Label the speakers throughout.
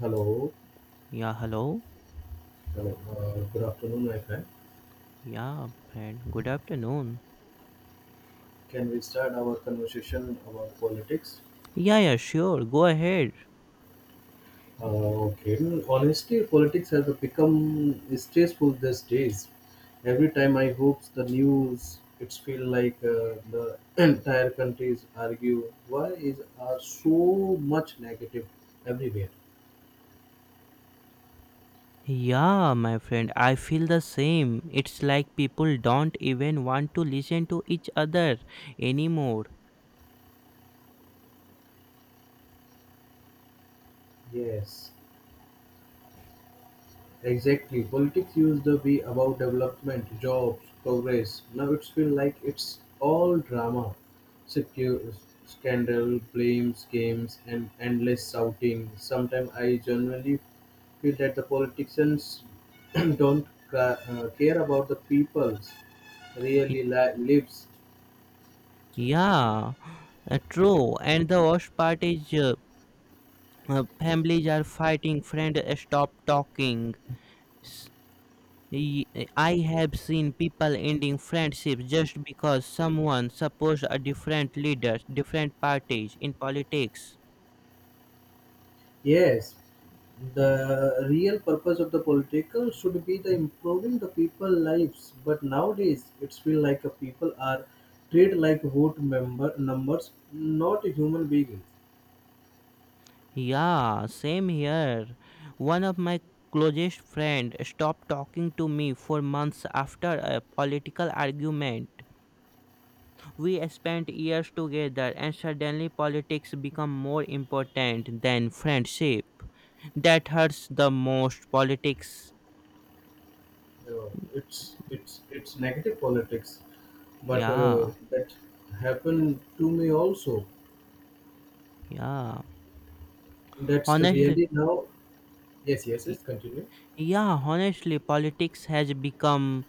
Speaker 1: Hello.
Speaker 2: Yeah, hello.
Speaker 1: Hello. Good afternoon, my friend.
Speaker 2: Yeah, friend. Good afternoon.
Speaker 1: Can we start our conversation about politics?
Speaker 2: Yeah, yeah, sure. Go ahead.
Speaker 1: Uh, okay. Honestly, politics has become stressful these days. Every time I hope the news, it's feel like the entire countries argue. Why is are so much negative everywhere?
Speaker 2: Yeah, my friend. I feel the same. It's like people don't even want to listen to each other anymore.
Speaker 1: Yes. Exactly. Politics used to be about development, jobs, progress. Now it's feel like it's all drama. Secu- scandal, blames, games, and endless shouting. Sometimes I generally feel that the politicians don't care about the people's lives.
Speaker 2: Yeah, true. And the worst part is families are fighting, friend stop talking. S- y- I have seen people ending friendships just because someone supports a different leaders, different parties in politics.
Speaker 1: Yes, the real purpose of the political should be the improving the people lives. But nowadays, it's feel like a people are treated like vote member numbers, not human beings.
Speaker 2: Yeah, same here. One of my closest friend stopped talking to me for months after a political argument. We spent years together and suddenly politics become more important than friendship. That hurts the most politics.
Speaker 1: It's negative politics, but
Speaker 2: Yeah,
Speaker 1: that happened to me also.
Speaker 2: yeah.
Speaker 1: That's the
Speaker 2: Honestly,
Speaker 1: really now. Yes, yes, yes. Continue.
Speaker 2: yeah, honestly, politics has become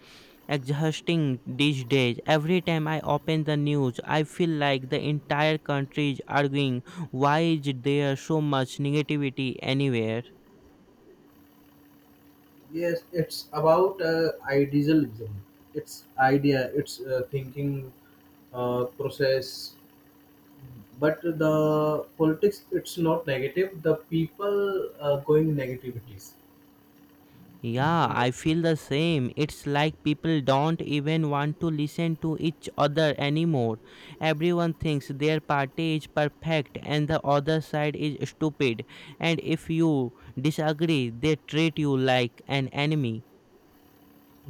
Speaker 2: exhausting these days. Every time I open the news, I feel like the entire country is arguing why is there so much negativity anywhere.
Speaker 1: Yes, it's about idealism. It's idea. It's thinking process. But the politics, it's not negative. The people going negativities.
Speaker 2: Yeah, I feel the same. It's like people don't even want to listen to each other anymore. Everyone thinks their party is perfect and the other side is stupid. And if you disagree, they treat you like an enemy.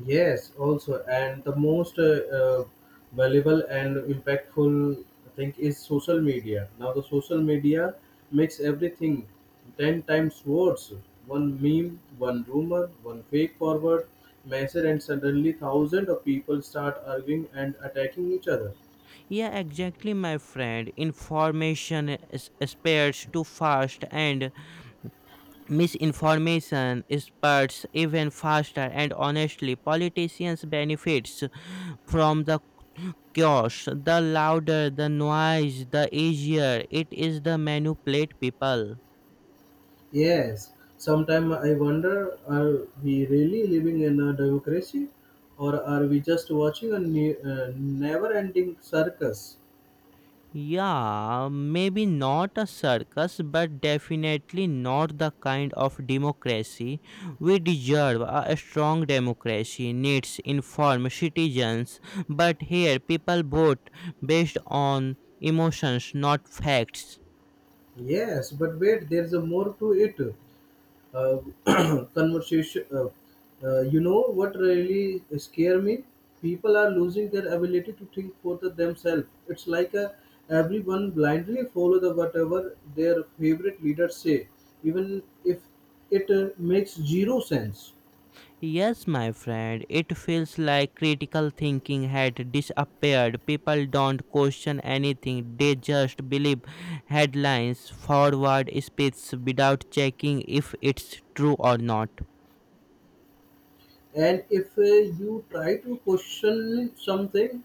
Speaker 1: Yes, also, and the most valuable and impactful thing is social media. Now, the social media makes everything 10 times worse. One meme, one rumor, one fake forward message, and suddenly thousands of people start arguing and attacking each other.
Speaker 2: Yeah, exactly, my friend. Information is- spreads too fast, and misinformation spreads even faster. And honestly, politicians benefits from the chaos. The louder the noise, the easier it is to manipulate people.
Speaker 1: Yes, sometimes I wonder, are we really living in a democracy or are we just watching a never ending circus?
Speaker 2: Yeah, maybe not a circus, but definitely not the kind of democracy we deserve. A strong democracy needs informed citizens, but here people vote based on emotions, not facts.
Speaker 1: Yes, but wait, there's a more to it. Uh, conversation. You know what really scare me? People are losing their ability to think for the themselves. It's like a everyone blindly follow the whatever their favorite leaders say, even if it makes zero sense.
Speaker 2: Yes, my friend, it feels like critical thinking had disappeared. People don't question anything, they just believe headlines, forward speech without checking if it's true or not.
Speaker 1: And if you try to question something,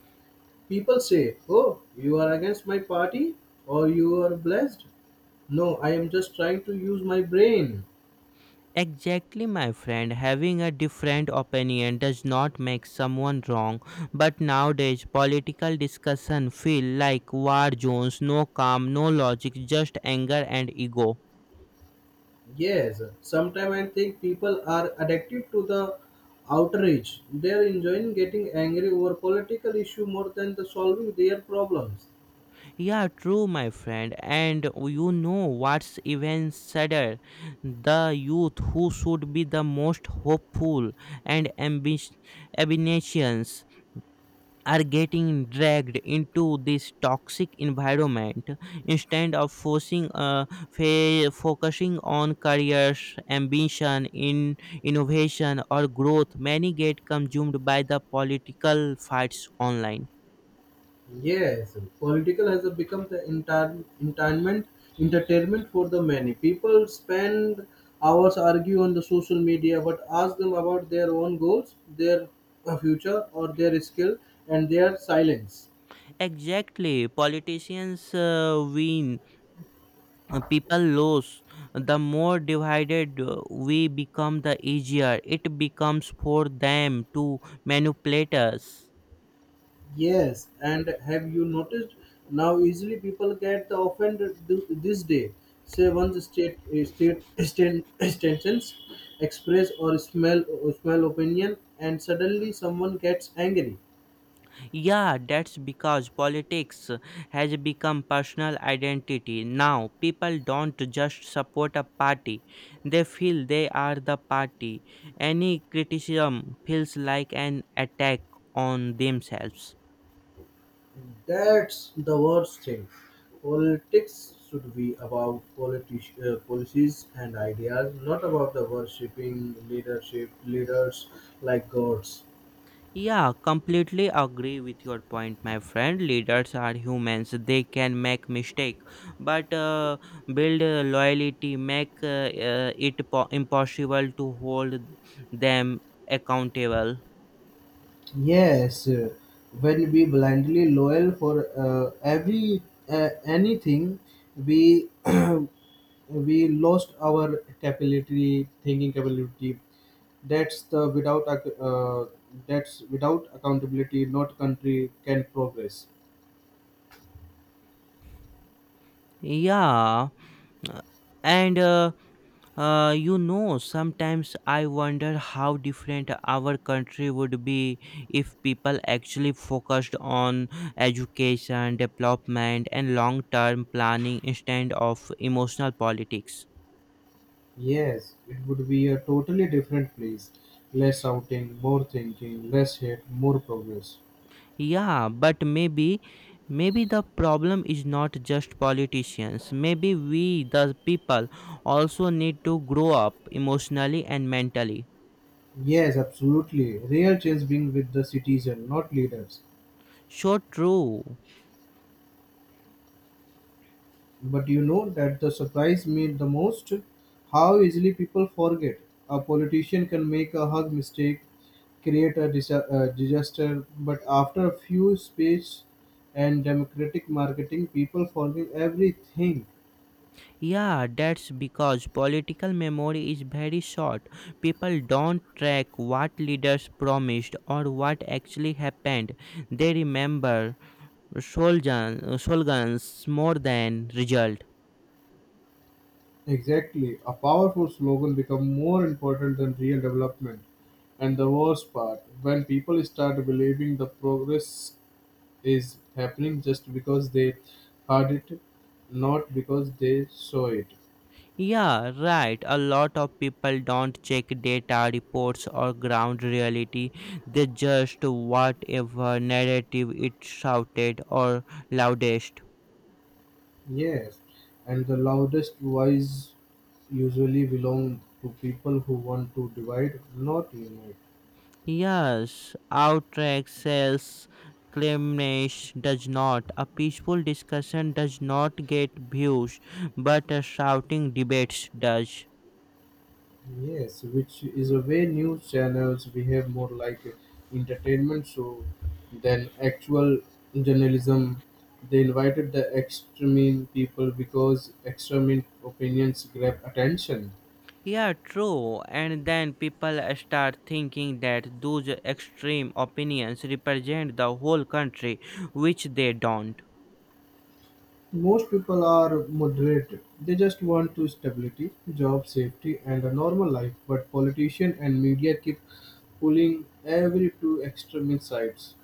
Speaker 1: people say, "Oh, you are against my party or you are blessed." No, I am just trying to use my brain.
Speaker 2: Exactly, my friend. Having a different opinion does not make someone wrong, but nowadays political discussion feel like war zones, no calm, no logic, just anger and ego.
Speaker 1: Yes, sometimes I think people are addicted to the outrage. They are enjoying getting angry over political issue more than the solving their problems.
Speaker 2: Yeah, true, my friend. And you know what's even sadder? The youth who should be the most hopeful and ambitious are getting dragged into this toxic environment instead of forcing, focusing on careers, ambition, in innovation, or growth. Many get consumed by the political fights online.
Speaker 1: Yes, political has become the entire entertainment for the many. People spend hours argue on the social media, but ask them about their own goals, their future, or their skill, and their silence.
Speaker 2: Exactly, politicians win people lose the more divided we become the easier it becomes for them to manipulate us.
Speaker 1: Yes, and have you noticed now easily people get offended this day? Say one's state extensions, express or smell opinion, and suddenly someone gets angry.
Speaker 2: Yeah, that's because politics has become personal identity. Now people don't just support a party, they feel they are the party. Any criticism feels like an attack on themselves.
Speaker 1: That's the worst thing. Politics should be about policies and ideas, not about the worshipping leadership leaders like gods.
Speaker 2: Yeah, completely agree with your point, my friend. Leaders are humans; they can make mistake, but build loyalty make it impossible to hold them accountable.
Speaker 1: Yes, when we blindly loyal for every anything, we we lost our capability, thinking capability. That's the without ac- uh, that's without accountability, not country can progress.
Speaker 2: Yeah, uh, and you know, sometimes I wonder how different our country would be if people actually focused on education, development, and long term planning instead of emotional politics.
Speaker 1: Yes, it would be a totally different place. Less outing, more thinking, less hate, more progress.
Speaker 2: Yeah, but maybe. Maybe the problem is not just politicians. Maybe we, the people, also need to grow up emotionally and mentally.
Speaker 1: Yes, absolutely. Real change being with the citizen, not leaders.
Speaker 2: So true.
Speaker 1: But you know that the surprise me the most how easily people forget. A politician can make a hug mistake, create a disaster, but after a few speeches and democratic marketing, people forgive everything.
Speaker 2: Yeah, that's because political memory is very short. People don't track what leaders promised or what actually happened. They remember slogans more than result.
Speaker 1: Exactly. A powerful slogan becomes more important than real development. And the worst part, when people start believing the progress is happening just because they heard it, not because they saw it.
Speaker 2: Yeah, right. A lot of people don't check data, reports, or ground reality. They just whatever narrative it shouted or loudest.
Speaker 1: Yes. And the loudest voice usually belong to people who want to divide, not unite.
Speaker 2: Yes, outright sales claimness does not. A peaceful discussion does not get views, but a shouting debates does.
Speaker 1: Yes, which is a way news channels behave more like a entertainment show than actual journalism. They invited the extreme people because extreme opinions grab attention.
Speaker 2: Yeah, true. And then people start thinking that those extreme opinions represent the whole country, which they don't.
Speaker 1: Most people are moderate. They just want to stability, job safety, and a normal life. But politician and media keep pulling every two extremist sides.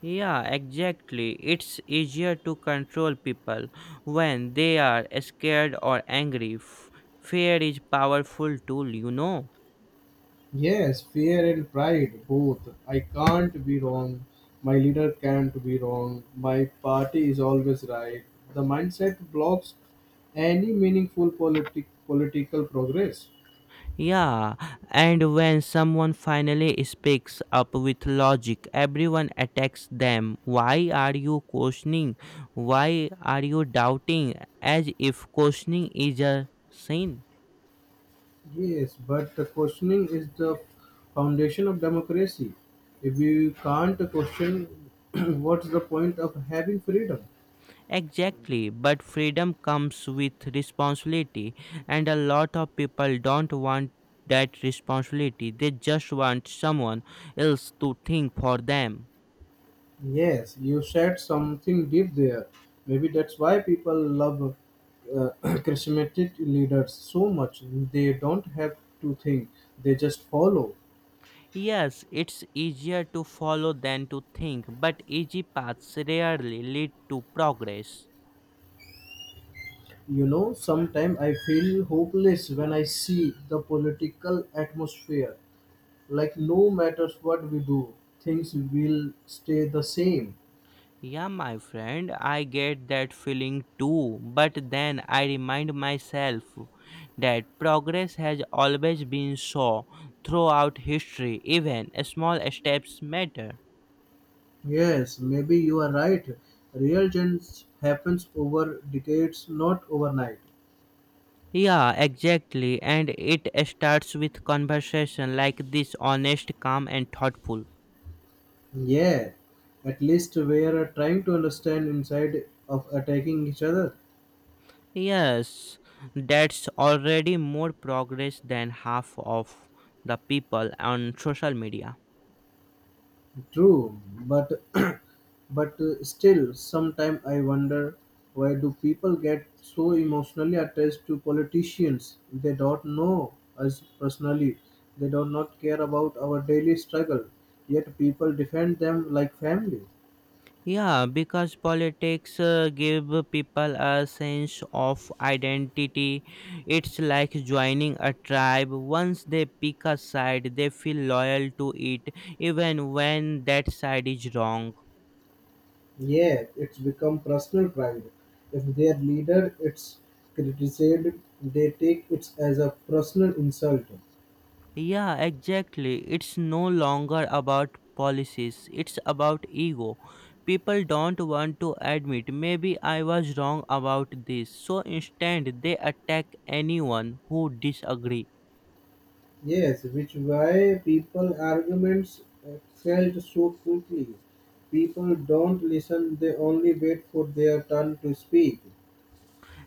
Speaker 2: Yeah, exactly. It's easier to control people when they are scared or angry. Fear is powerful tool, you know.
Speaker 1: Yes, fear and pride, both. I can't be wrong. My leader can't be wrong. My party is always right. The mindset blocks any meaningful politi- political progress.
Speaker 2: Yeah, and when someone finally speaks up with logic, everyone attacks them. Why are you questioning? Why are you doubting? As if questioning is a sin.
Speaker 1: Yes, but the questioning is the foundation of democracy. If you can't question, what's the point of having freedom?
Speaker 2: Exactly, but freedom comes with responsibility, and a lot of people don't want that responsibility. They just want someone else to think for them.
Speaker 1: Yes, you said something deep there. Maybe that's why people love charismatic leaders so much. They don't have to think, they just follow.
Speaker 2: Yes, it's easier to follow than to think, but easy paths rarely lead to progress.
Speaker 1: You know, sometimes I feel hopeless when I see the political atmosphere. Like, no matter what we do, things will stay the same.
Speaker 2: Yeah, my friend, I get that feeling too, but then I remind myself that progress has always been so throughout history, even small steps matter.
Speaker 1: Yes, maybe you are right. Real change happens over decades, not overnight.
Speaker 2: Yeah, exactly, and it starts with conversation like this honest, calm, and thoughtful.
Speaker 1: Yeah, at least we are trying to understand inside of attacking each other.
Speaker 2: Yes, that's already more progress than half of the people on social media.
Speaker 1: True, but but still, sometimes I wonder, why do people get so emotionally attached to politicians? They don't know us personally. They do not care about our daily struggle. Yet people defend them like family.
Speaker 2: Yeah, because politics give people a sense of identity. It's like joining a tribe. Once they pick a side, they feel loyal to it even when that side is wrong.
Speaker 1: Yeah, it's become personal pride. If their leader it's criticized, they take it as a personal insult.
Speaker 2: Yeah, exactly. It's no longer about policies, it's about ego. People don't want to admit, maybe I was wrong about this. So instead, they attack anyone who disagree.
Speaker 1: Yes, which why people arguments excelled so quickly. People don't listen; they only wait for their turn to speak.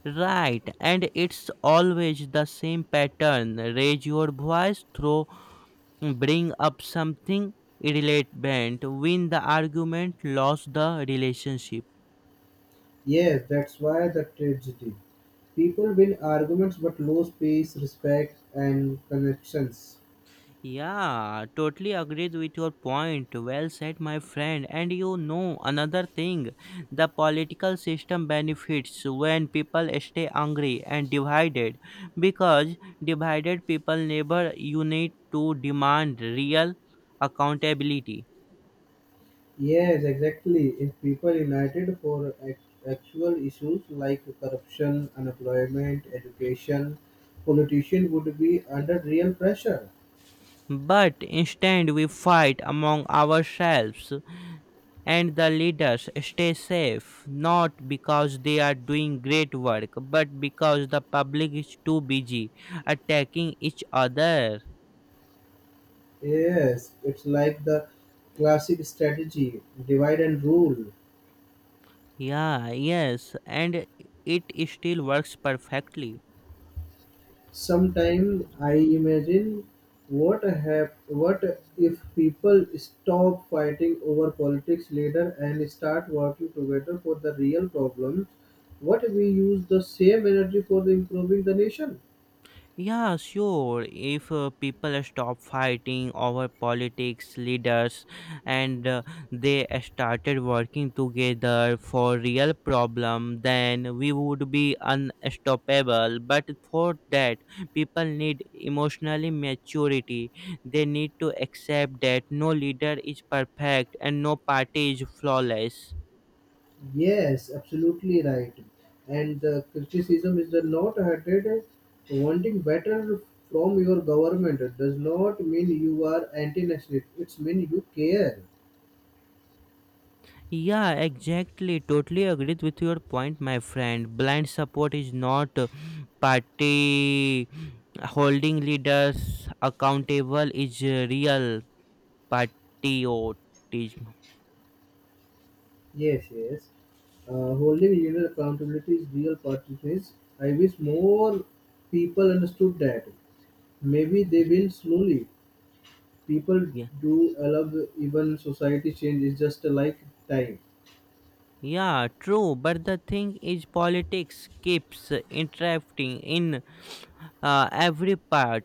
Speaker 2: Right, and it's always the same pattern. Raise your voice, throw, bring up something irrelevant, win the argument, lose the relationship.
Speaker 1: Yes, that's why the tragedy. People win arguments but lose peace, respect, and connections.
Speaker 2: Yeah, totally agreed with your point. Well said, my friend. And you know, another thing, the political system benefits when people stay angry and divided because divided people never unite to demand real accountability.
Speaker 1: Yes, exactly. If people united for actual issues like corruption, unemployment, education, politicians would be under real pressure.
Speaker 2: But instead, we fight among ourselves, and the leaders stay safe not because they are doing great work but because the public is too busy attacking each other.
Speaker 1: Yes, it's like the classic strategy, divide and rule.
Speaker 2: Yeah, yes, and it still works perfectly.
Speaker 1: Sometimes I imagine what if people stop fighting over politics later and start working together for the real problems. What if we use the same energy for the improving the nation?
Speaker 2: Yeah, sure. If people stop fighting over politics, leaders, and they started working together for real problem, then we would be unstoppable. But for that, people need emotionally maturity. They need to accept that no leader is perfect and no party is flawless.
Speaker 1: Yes, absolutely right. And the criticism is the not hatred. Wanting better from your government does not mean you are anti-nationalist. It means you care.
Speaker 2: Yeah, exactly. Totally agreed with your point, my friend. Blind support is not party, holding leaders accountable is real patriotism.
Speaker 1: Yes, yes. Holding leader accountability is real consciousness. I wish more people understood that. Maybe they will slowly. People
Speaker 2: Yeah.
Speaker 1: do allow even society change is just like time.
Speaker 2: Yeah, true. But the thing is, politics keeps interrupting in every part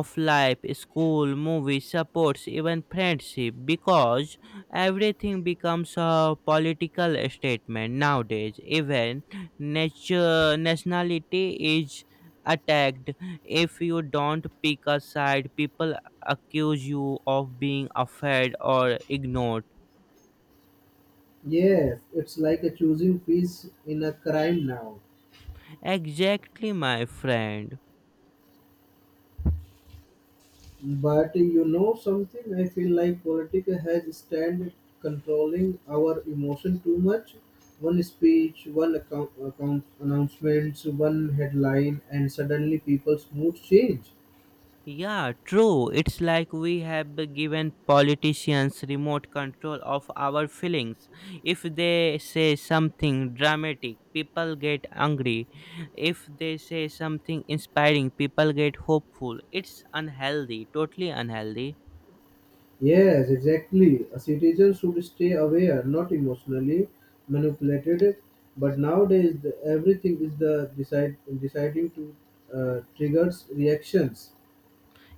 Speaker 2: of life, school, movies, supports, even friendship, because everything becomes a political statement nowadays. Even nature, nationality is attacked. If you don't pick a side, people accuse you of being afraid or ignored.
Speaker 1: Yes, it's like a choosing peace in a crime now.
Speaker 2: Exactly, my friend.
Speaker 1: But you know something, I feel like politics has stand controlling our emotion too much. One speech, one account announcements, one headline, and suddenly people's moods change.
Speaker 2: Yeah, true. It's like we have given politicians remote control of our feelings. If they say something dramatic, people get angry. If they say something inspiring, people get hopeful. It's unhealthy, totally unhealthy.
Speaker 1: Yes, exactly. A citizen should stay aware, not emotionally manipulated. But nowadays, the, everything is the decide, deciding to triggers reactions.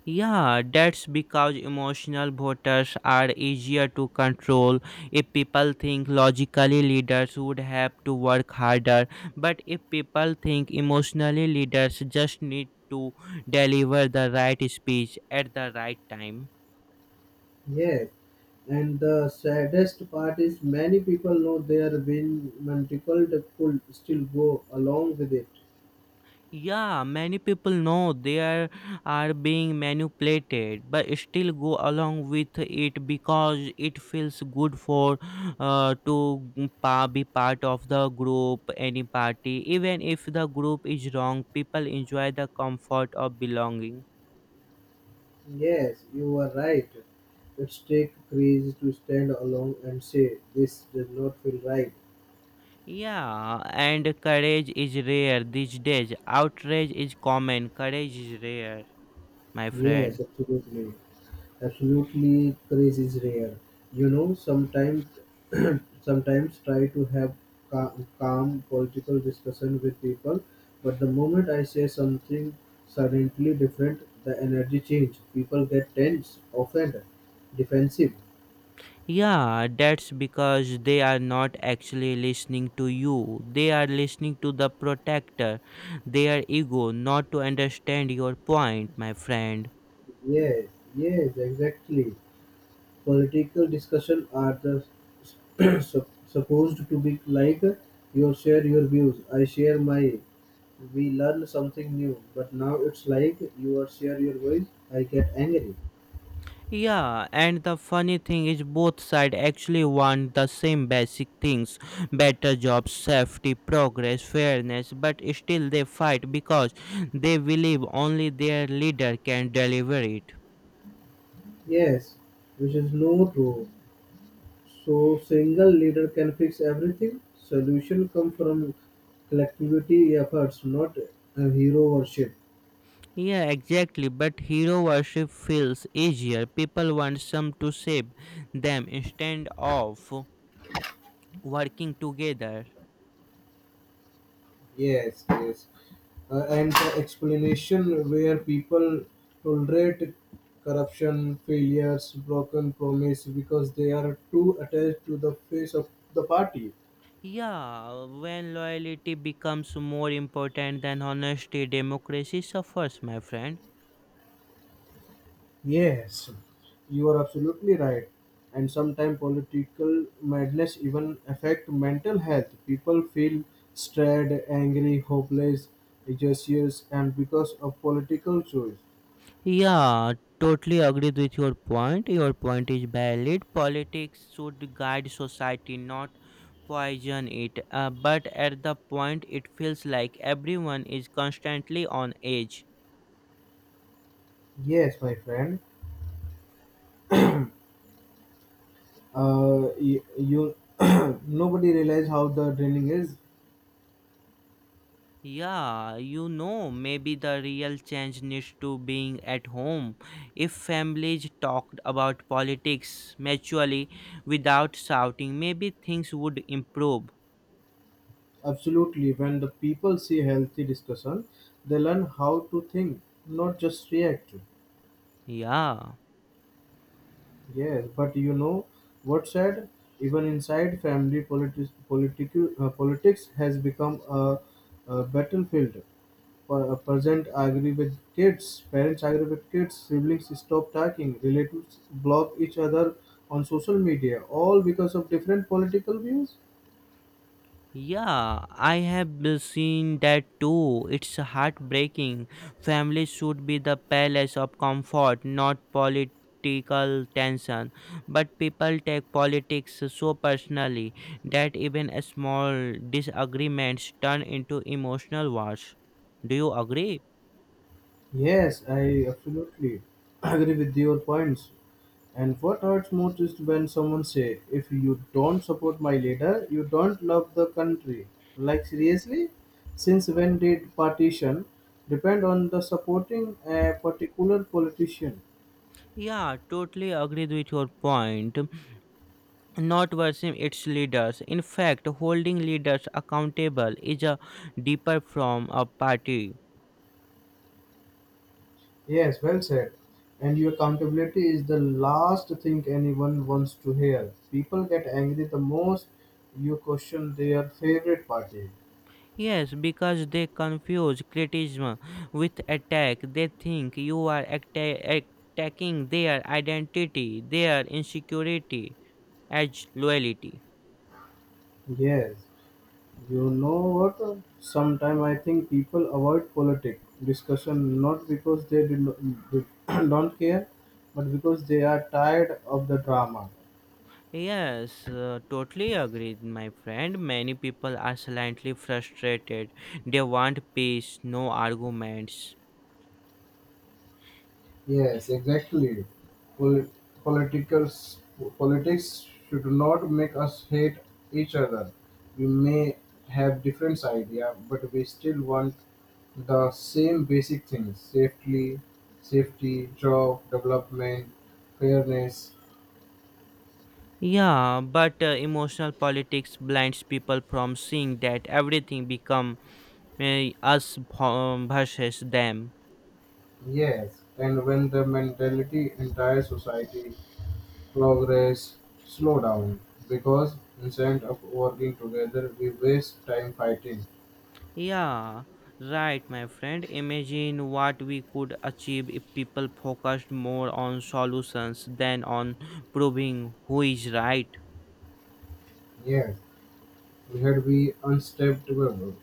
Speaker 2: Yeah, that's because emotional voters are easier to control. If people think logically, leaders would have to work harder. But if people think emotionally, leaders just need to deliver the right speech at the right time.
Speaker 1: Yes, and the saddest part is many people know their win when difficult could still go along with it.
Speaker 2: Yeah, many people know are being manipulated but still go along with it because it feels good for to g- pa- be part of the group, any party. Even if the group is wrong, people enjoy the comfort of belonging.
Speaker 1: Yes, you are right. It's take crazy to stand along and say this does not feel right.
Speaker 2: Yeah, and courage is rare these days. Outrage is common, courage is rare, my friend.
Speaker 1: Yes, absolutely. Absolutely, courage is rare. You know, sometimes, sometimes try to have calm, calm political discussion with people, but the moment I say something suddenly different, the energy change. People get tense, offended, defensive.
Speaker 2: Yeah, that's because they are not actually listening to you. They are listening to the protector, their ego, not to understand your point, my friend.
Speaker 1: Yes, yes, exactly. Political discussion are the supposed to be like you share your views, I share my. We learn something new, but now it's like you are share your voice, I get angry.
Speaker 2: Yeah, and the funny thing is both sides actually want the same basic things: better jobs, safety, progress, fairness, but still they fight because they believe only their leader can deliver it.
Speaker 1: Yes, which is no true. So single leader can fix everything. Solution come from collectivity efforts, not a hero worship.
Speaker 2: Yeah, exactly. But hero worship feels easier. People want some to save them instead of working together.
Speaker 1: Yes, yes. And the explanation where people tolerate corruption, failures, broken promise because they are too attached to the face of the party.
Speaker 2: Yeah, when loyalty becomes more important than honesty, democracy suffers, my friend.
Speaker 1: Yes, you are absolutely right. And sometimes political madness even affect mental health. People feel stressed, angry, hopeless, anxious, and because of political choice.
Speaker 2: Yeah, totally agreed with your point. Your point is valid. Politics should guide society, not poison it. But at the point, it feels like everyone is constantly on edge.
Speaker 1: Yes, my friend. You nobody realize how the draining is.
Speaker 2: Yeah, you know, maybe the real change needs to being at home. If families talked about politics maturely without shouting, maybe things would improve.
Speaker 1: Absolutely, when the people see healthy discussion, they learn how to think, not just react.
Speaker 2: Yeah.
Speaker 1: Yes, but you know what said? Even inside family, politics, politics has become a battlefield. Present agree with kids, parents agree with kids, siblings stop talking, relatives block each other on social media, all because of different political views.
Speaker 2: Yeah, I have seen that too. It's heartbreaking. Family should be the palace of comfort, not political tension. But people take politics so personally that even a small disagreements turn into emotional wars. Do you agree?
Speaker 1: Yes, I absolutely agree with your points. And what hurts most is when someone say, if you don't support my leader, you don't love the country. Like seriously? Since when did partition depend on the supporting a particular politician?
Speaker 2: Yeah, totally agreed with your point. Not worship its leaders. In fact, holding leaders accountable is a deeper form of party.
Speaker 1: Yes, well said. And your accountability is the last thing anyone wants to hear. People get angry the most you question their favorite party.
Speaker 2: Yes, because they confuse criticism with attack. They think you are attacking their identity, their insecurity, as loyalty.
Speaker 1: Yes. You know what? Sometimes I think people avoid politic discussion not because they did not, don't care, but because they are tired of the drama.
Speaker 2: Yes, totally agree, my friend. Many people are silently frustrated. They want peace, no arguments.
Speaker 1: Yes, exactly. Pol- political politics should not make us hate each other. We may have different idea, but we still want the same basic things: safety, safety, job, development, fairness.
Speaker 2: Yeah, but emotional politics blinds people from seeing that everything become us versus them.
Speaker 1: Yes, and when the mentality entire society progress slow down because instead of working together we waste time fighting.
Speaker 2: Yeah, right, my friend. Imagine what we could achieve if people focused more on solutions than on proving who is right.
Speaker 1: Yes, we had be unstoppable.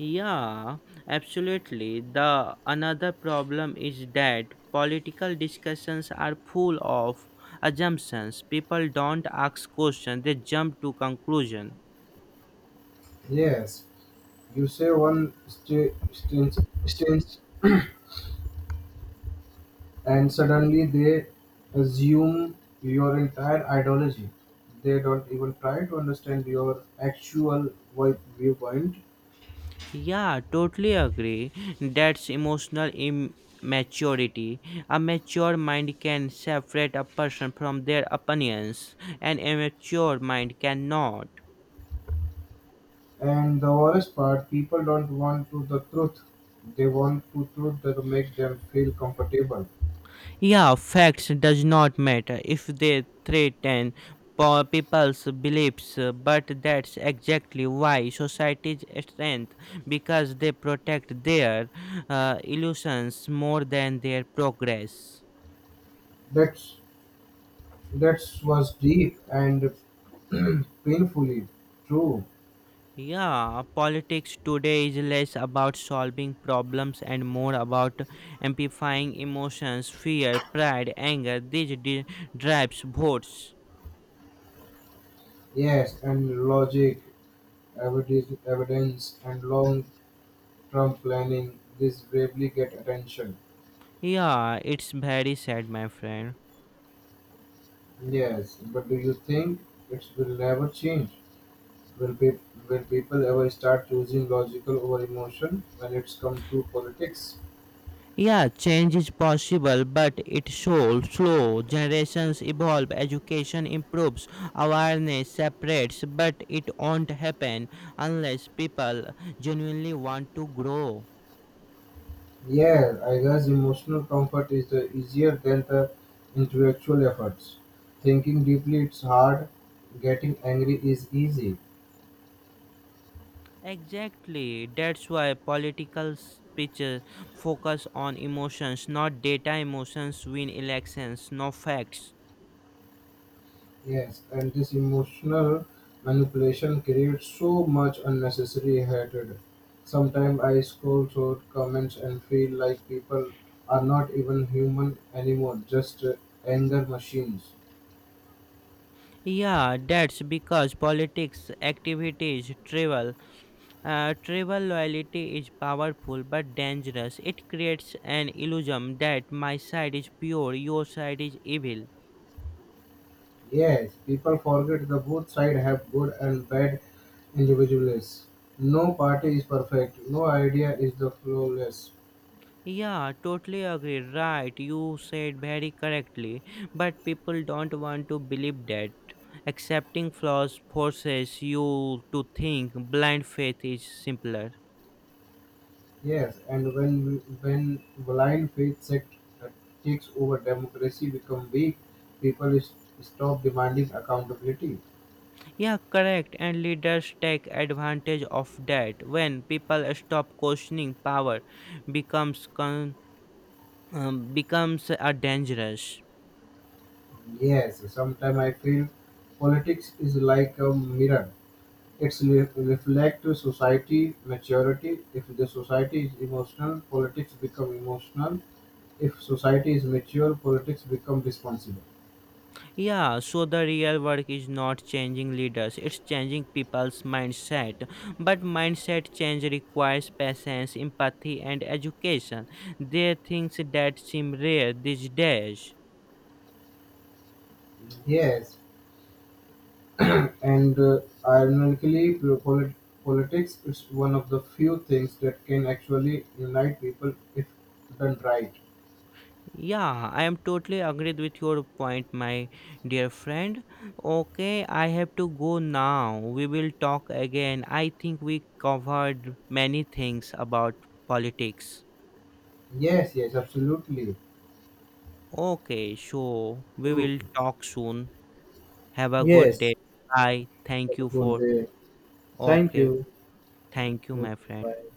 Speaker 2: Yeah, absolutely. The another problem is that political discussions are full of assumptions. People don't ask questions, they jump to conclusion.
Speaker 1: Yes, you say one stint and suddenly they assume your entire ideology. They don't even try to understand your actual viewpoint.
Speaker 2: Yeah, totally agree. That's emotional immaturity. A mature mind can separate a person from their opinions. An immature mind cannot.
Speaker 1: And the worst part, people don't want to the truth. They want to truth that make them feel comfortable.
Speaker 2: Yeah, facts does not matter if they threaten people's beliefs, but that's exactly why societies strength because they protect their illusions more than their progress.
Speaker 1: That's that's was deep and painfully true.
Speaker 2: Yeah, politics today is less about solving problems and more about amplifying emotions, fear, pride, anger. These drives votes.
Speaker 1: Yes, and logic, evidence and long-term planning. This bravely get attention.
Speaker 2: Yeah, it's very sad, my friend.
Speaker 1: Yes, but do you think it will never change? Will, will people ever start using logical over emotion when it's come to politics?
Speaker 2: Yeah, change is possible, but it's so slow. Generations evolve, education improves, awareness separates, but it won't happen unless people genuinely want to grow.
Speaker 1: Yeah, I guess emotional comfort is easier than the intellectual efforts. Thinking deeply it's hard, getting angry is easy.
Speaker 2: Exactly. That's why political speeches focus on emotions, not data. Emotions win elections, no facts.
Speaker 1: Yes, and this emotional manipulation creates so much unnecessary hatred. Sometimes I scroll through comments and feel like people are not even human anymore, just anger machines.
Speaker 2: Yeah, that's because politics activities travel. Travel loyalty is powerful but dangerous. It creates an illusion that my side is pure, your side is evil.
Speaker 1: Yes, people forget the both sides have good and bad individuals. No party is perfect. No idea is the flawless.
Speaker 2: Yeah, totally agree. Right, you said very correctly. But people don't want to believe that. Accepting flaws forces you to think blind faith is simpler.
Speaker 1: Yes, and when blind faith sect uh, takes over, democracy become weak. People is, stop demanding accountability.
Speaker 2: Yeah, correct. And leaders take advantage of that. When people stop questioning power, becomes con- becomes dangerous.
Speaker 1: Yes, sometimes I feel politics is like a mirror. It reflect society maturity; if the society is emotional, politics become emotional; if society is mature, politics become responsible.
Speaker 2: Yeah, so the real work is not changing leaders, it's changing people's mindset. But mindset change requires patience, empathy, and education. They things that seem rare these days.
Speaker 1: Yes, and ironically, politics is one of the few things that can actually unite people if done right.
Speaker 2: Yeah, I am totally agreed with your point, my dear friend. Okay, I have to go now. We will talk again. I think we covered many things about politics.
Speaker 1: Yes, yes, absolutely.
Speaker 2: Okay, so we will
Speaker 1: Okay.
Speaker 2: talk soon. Have a good day.
Speaker 1: Yes.
Speaker 2: Bye. Thank
Speaker 1: Have a
Speaker 2: you
Speaker 1: good
Speaker 2: for.
Speaker 1: day. Thank
Speaker 2: Okay.
Speaker 1: you.
Speaker 2: Thank you,
Speaker 1: Okay,
Speaker 2: my friend.
Speaker 1: bye.